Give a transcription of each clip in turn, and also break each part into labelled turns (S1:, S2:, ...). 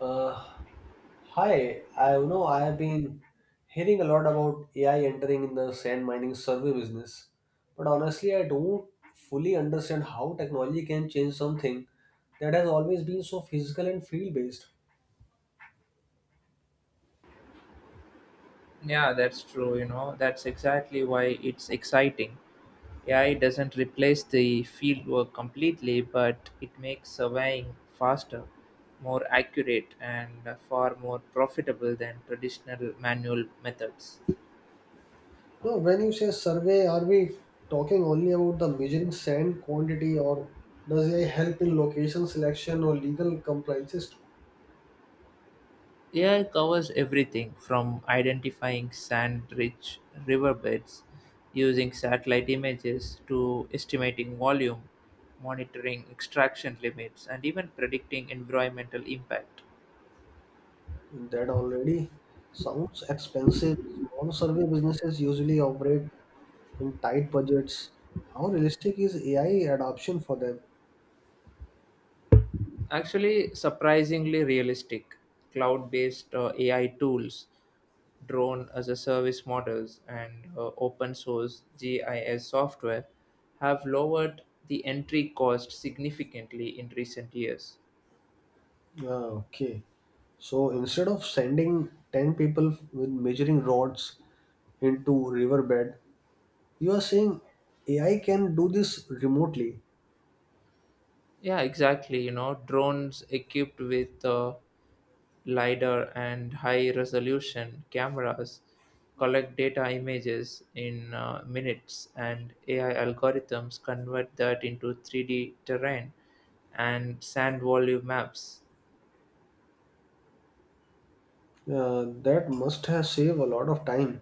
S1: Uh, hi, I know I have been hearing a lot about AI entering in the sand mining survey business, but honestly, I don't fully understand how technology can change something that has always been so physical and field based.
S2: Yeah, that's true. You know, that's exactly why it's exciting. AI doesn't replace the fieldwork completely, but it makes surveying faster, more accurate, and far more profitable than traditional manual methods.
S1: No, when you say survey, are we talking only about the measuring sand quantity, or does AI help in location selection or legal compliances
S2: AI covers everything from identifying sand rich riverbeds using satellite images to estimating volume, monitoring extraction limits, and even predicting environmental impact.
S1: too? That already sounds expensive. Small survey businesses usually operate on tight budgets. How realistic is AI adoption for them?
S2: Actually, surprisingly realistic cloud based AI tools, drone as a service models, and open source GIS software have lowered the entry cost significantly in recent years.
S1: Ah, okay. So instead of sending 10 people with measuring rods into riverbed, you are saying AI can do this remotely.
S2: Yeah, exactly. You know, drones equipped with LiDAR and high resolution cameras collect data images in minutes, and AI algorithms convert that into 3D terrain and sand volume maps.
S1: That must have saved a lot of time,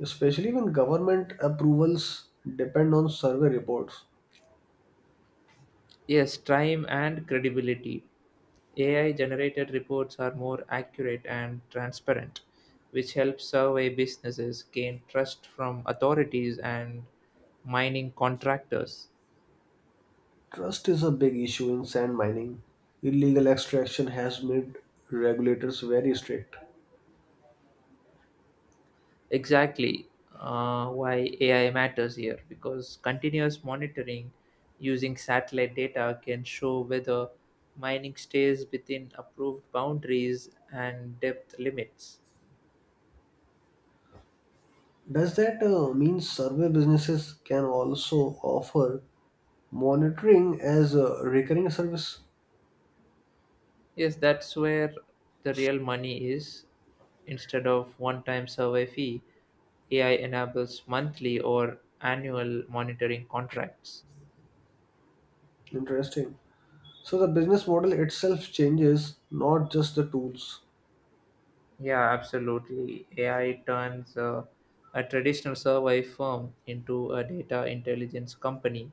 S1: especially when government approvals depend on survey reports.
S2: Yes, time and credibility. AI generated reports are more accurate and transparent, which helps survey businesses gain trust from authorities and mining contractors.
S1: Trust is a big issue in sand mining. Illegal extraction has made regulators very strict.
S2: Exactly why AI matters here, because continuous monitoring using satellite data can show whether mining stays within approved boundaries and depth limits.
S1: Does that mean survey businesses can also offer monitoring as a recurring service?
S2: Yes, that's where the real money is. Instead of one time survey fee, AI enables monthly or annual monitoring contracts.
S1: Interesting. So the business model itself changes, not just the tools.
S2: Yeah, absolutely. AI turns a traditional survey firm into a data intelligence company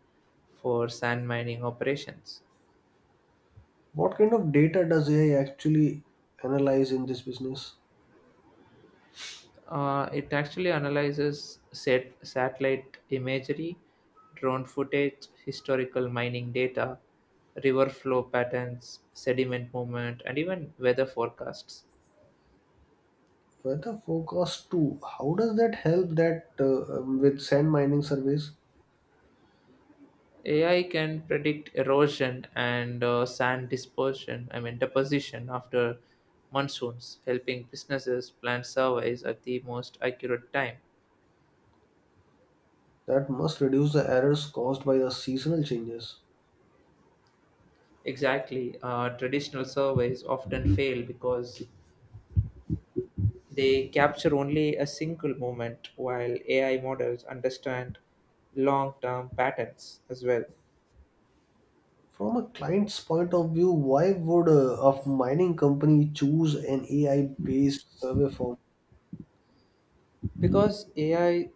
S2: for sand mining operations.
S1: What kind of data does AI actually analyze in this business?
S2: It actually analyzes set satellite imagery, drone footage, historical mining data, river flow patterns, sediment movement, and even weather forecasts.
S1: Weather forecast too. How does that help that with sand mining surveys?
S2: AI can predict erosion and sand dispersion, I mean deposition after monsoons, helping businesses plan surveys at the most accurate time.
S1: That must reduce the errors caused by the seasonal changes.
S2: Exactly, traditional surveys often fail because they capture only a single moment, while AI models understand long term patterns as well.
S1: From a client's point of view, why would a mining company choose an AI-based survey form?
S2: Because AI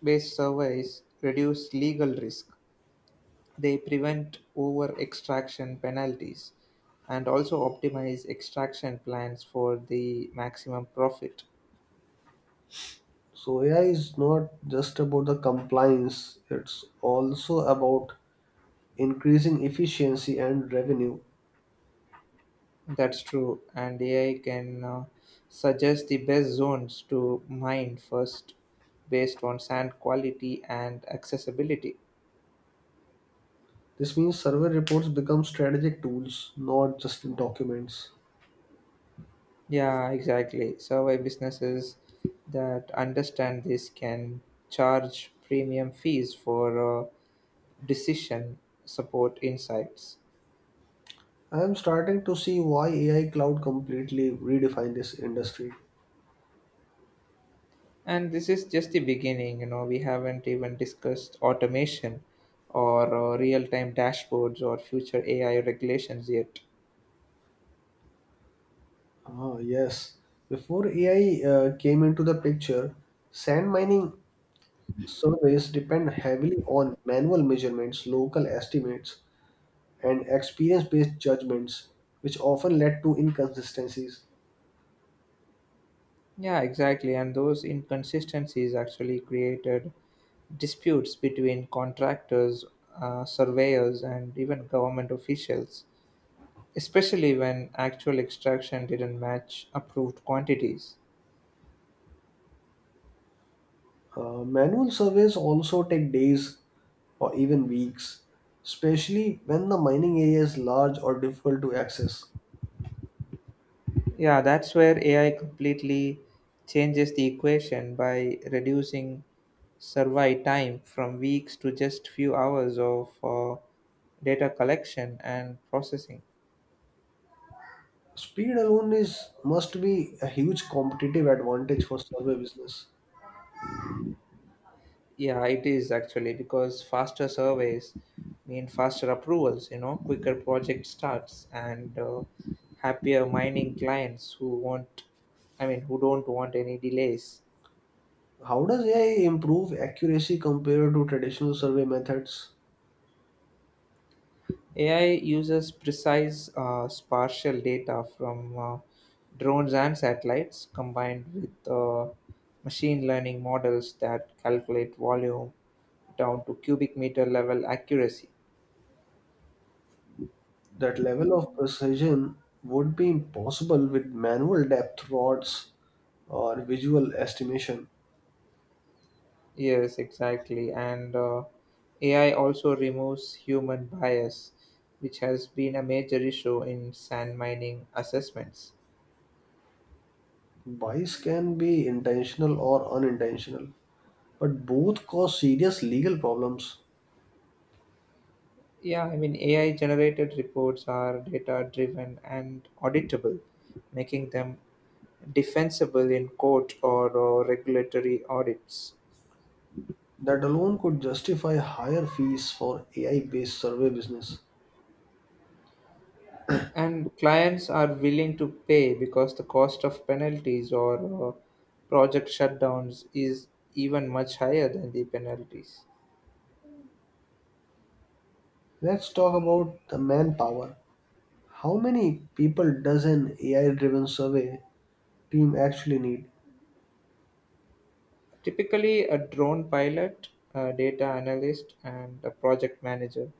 S2: based surveys reduce legal risk, they prevent over extraction penalties and also optimize extraction plans for the maximum profit.
S1: So AI is not just about the compliance; it's also about increasing efficiency and revenue.
S2: That's true, and AI can suggest the best zones to mine first based on sand quality and accessibility.
S1: This means survey reports become strategic tools, not just documents.
S2: Yeah, exactly. Survey businesses that understand this can charge premium fees for decision support insights.
S1: I am starting to see why AI cloud completely redefined this industry.
S2: And this is just the beginning, you know, we haven't even discussed automation or real time dashboards or future AI regulations yet.
S1: Ah, yes. Before AI came into the picture, sand mining surveys depend heavily on manual measurements, local estimates, and experience based judgments, which often led to inconsistencies.
S2: Yeah, exactly. And those inconsistencies actually created disputes between contractors, surveyors, and even government officials especially when actual extraction didn't match approved quantities.
S1: Manual surveys also take days or even weeks, especially when the mining area is large or difficult to access.
S2: Yeah, that's where AI completely changes the equation by reducing survey time from weeks to just few hours of data collection and processing.
S1: Speed alone is must be a huge competitive advantage for survey business.
S2: Yeah, it is actually because faster surveys mean faster approvals, you know, quicker project starts and happier mining clients who want, I mean, who don't want any delays.
S1: How does AI improve accuracy compared to traditional survey methods?
S2: AI uses precise spatial data from drones and satellites combined with machine learning models that calculate volume down to cubic meter level accuracy.
S1: That level of precision would be impossible with manual depth rods or visual estimation.
S2: Yes, exactly. And AI also removes human bias, which has been a major issue in sand mining assessments.
S1: Bias can be intentional or unintentional, but both cause serious legal problems
S2: Yeah, I mean, AI generated reports are data driven and auditable, making them defensible in court or, regulatory audits.
S1: that alone could justify higher fees for AI based survey business.
S2: And clients are willing to pay because the cost of penalties or project shutdowns is even much higher than the penalties.
S1: Let's talk about the manpower. How many people does an AI driven survey team actually need?
S2: Typically, a drone pilot, a data analyst, and a project manager,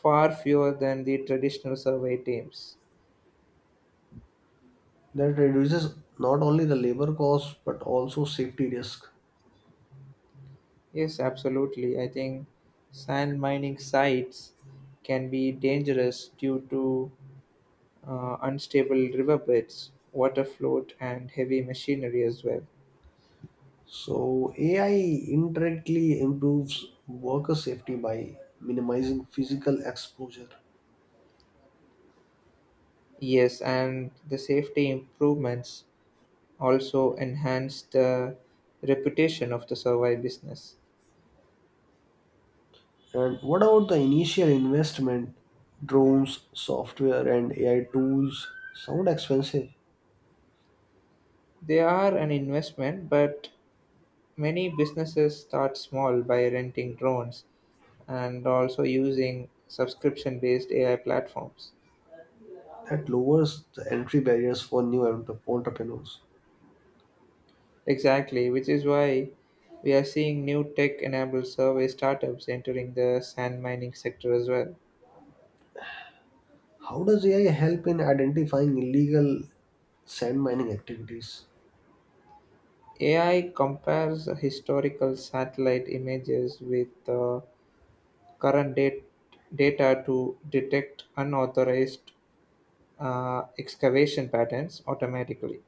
S2: far fewer than the traditional survey teams.
S1: That reduces not only the labor cost but also safety risk.
S2: Yes, absolutely. I think sand mining sites can be dangerous due to unstable riverbeds, water float, and heavy machinery as well.
S1: So, AI indirectly improves worker safety by minimizing physical exposure.
S2: Yes, and the safety improvements also enhance the reputation of the survey business.
S1: And what about the initial investment? Drones, software, and AI tools sound expensive.
S2: They are an investment, but many businesses start small by renting drones and also using subscription based AI platforms.
S1: That lowers the entry barriers for entrepreneurs.
S2: Exactly, which is why we are seeing new tech enabled survey startups entering the sand mining sector as well.
S1: How does AI help in identifying illegal sand mining activities?
S2: AI compares historical satellite images with current date, data to detect unauthorized excavation patterns automatically.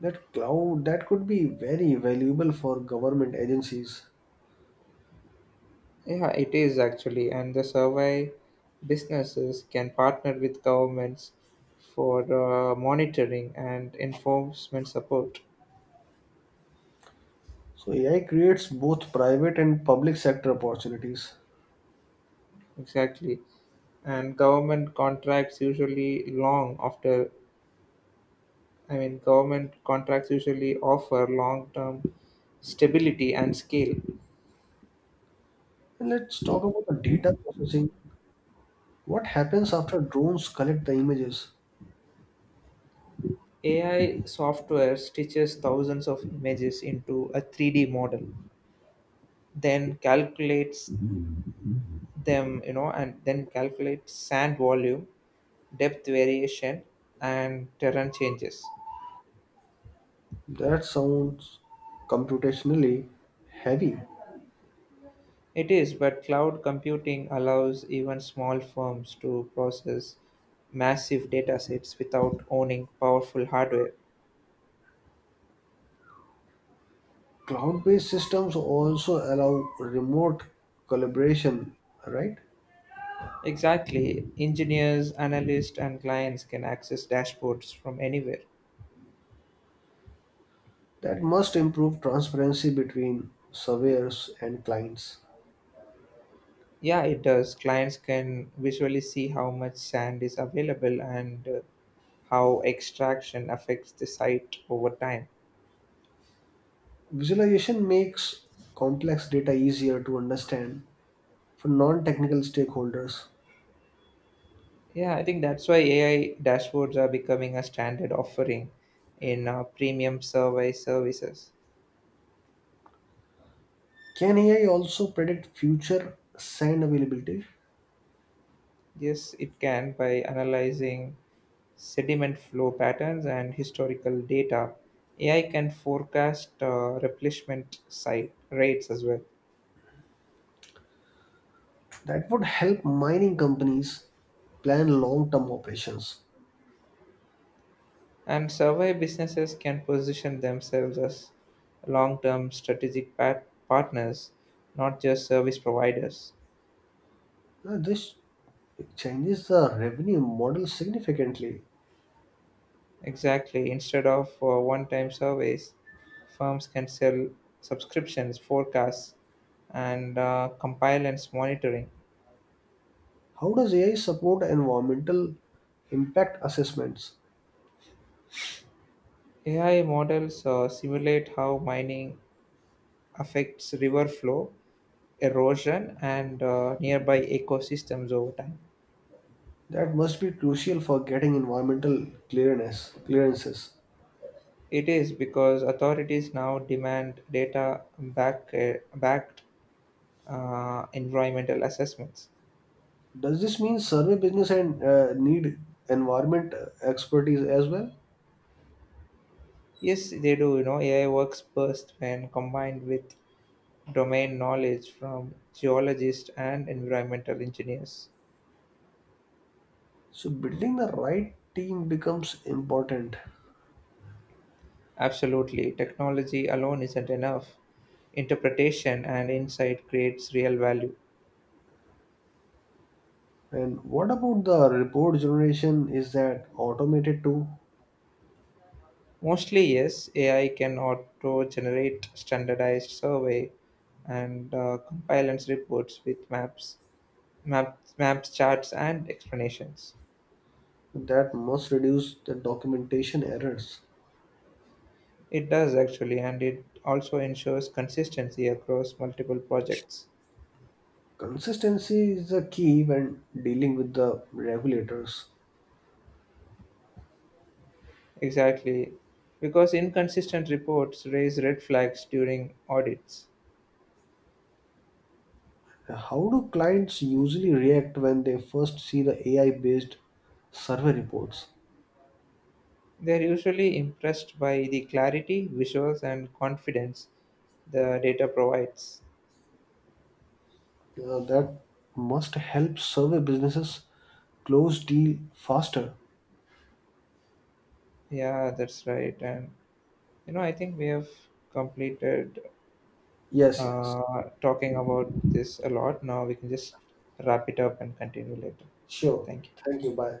S1: That cloud that could be very valuable for government agencies.
S2: Yeah, it is actually, and the survey businesses can partner with governments for monitoring and enforcement support.
S1: So AI creates both private and public sector opportunities.
S2: Exactly. And government contracts usually long after I mean, government contracts usually offer long term stability and scale.
S1: And let's talk about the data processing. What happens after drones collect the images?
S2: AI software stitches thousands of images into a 3D model, then calculates them, you know, and then calculates sand volume, depth variation, and terrain changes.
S1: That sounds computationally heavy.
S2: It is, but cloud computing allows even small firms to process massive data sets without owning powerful hardware.
S1: Cloud-based systems also allow remote collaboration, right?
S2: Exactly. Engineers, analysts, and clients can access dashboards from anywhere.
S1: That must improve transparency between surveyors and clients.
S2: Yeah, it does. Clients can visually see how much sand is available and how extraction affects the site over time.
S1: Visualization makes complex data easier to understand for non-technical stakeholders.
S2: Yeah, I think that's why AI dashboards are becoming a standard offering in premium survey services.
S1: Can AI also predict future sand availability?
S2: Yes, it can by analyzing sediment flow patterns, and historical data. AI can forecast replenishment site rates as well.
S1: That would help mining companies plan long term operations.
S2: And survey businesses can position themselves as long term strategic partners, not just service providers.
S1: Now, this changes the revenue model significantly.
S2: Exactly. Instead of one time surveys, firms can sell subscriptions, forecasts, and compliance monitoring.
S1: How does AI support environmental impact assessments?
S2: AI models simulate how mining affects river flow erosion and nearby ecosystems over time.
S1: That must be crucial for getting environmental clearness clearances.
S2: It is because authorities now demand backed environmental assessments.
S1: Does this mean survey business and need environment expertise as well?
S2: Yes, they do. You know, AI works best when combined with domain knowledge from geologists and environmental engineers.
S1: So building the right team becomes important.
S2: Absolutely, technology alone isn't enough. Interpretation and insight creates real value.
S1: And what about the report generation? Is that automated too?
S2: Mostly, yes, AI can auto generate standardized survey and compile and reports with maps, charts, and explanations.
S1: That must reduce the documentation errors.
S2: It does actually, and it also ensures consistency across multiple projects.
S1: Consistency is the key when dealing with the regulators.
S2: Exactly, because inconsistent reports raise red flags during audits.
S1: How do clients usually react when they first see the AI based survey reports?
S2: They are usually impressed by the clarity, visuals, and confidence the data provides.
S1: That must help survey businesses close deal faster.
S2: Yeah, that's right. And, you know, I think we have completed
S1: Yes, yes.
S2: talking about this a lot. Now we can just wrap it up and continue later.
S1: Sure.
S2: Thank you.
S1: Thank you. Bye.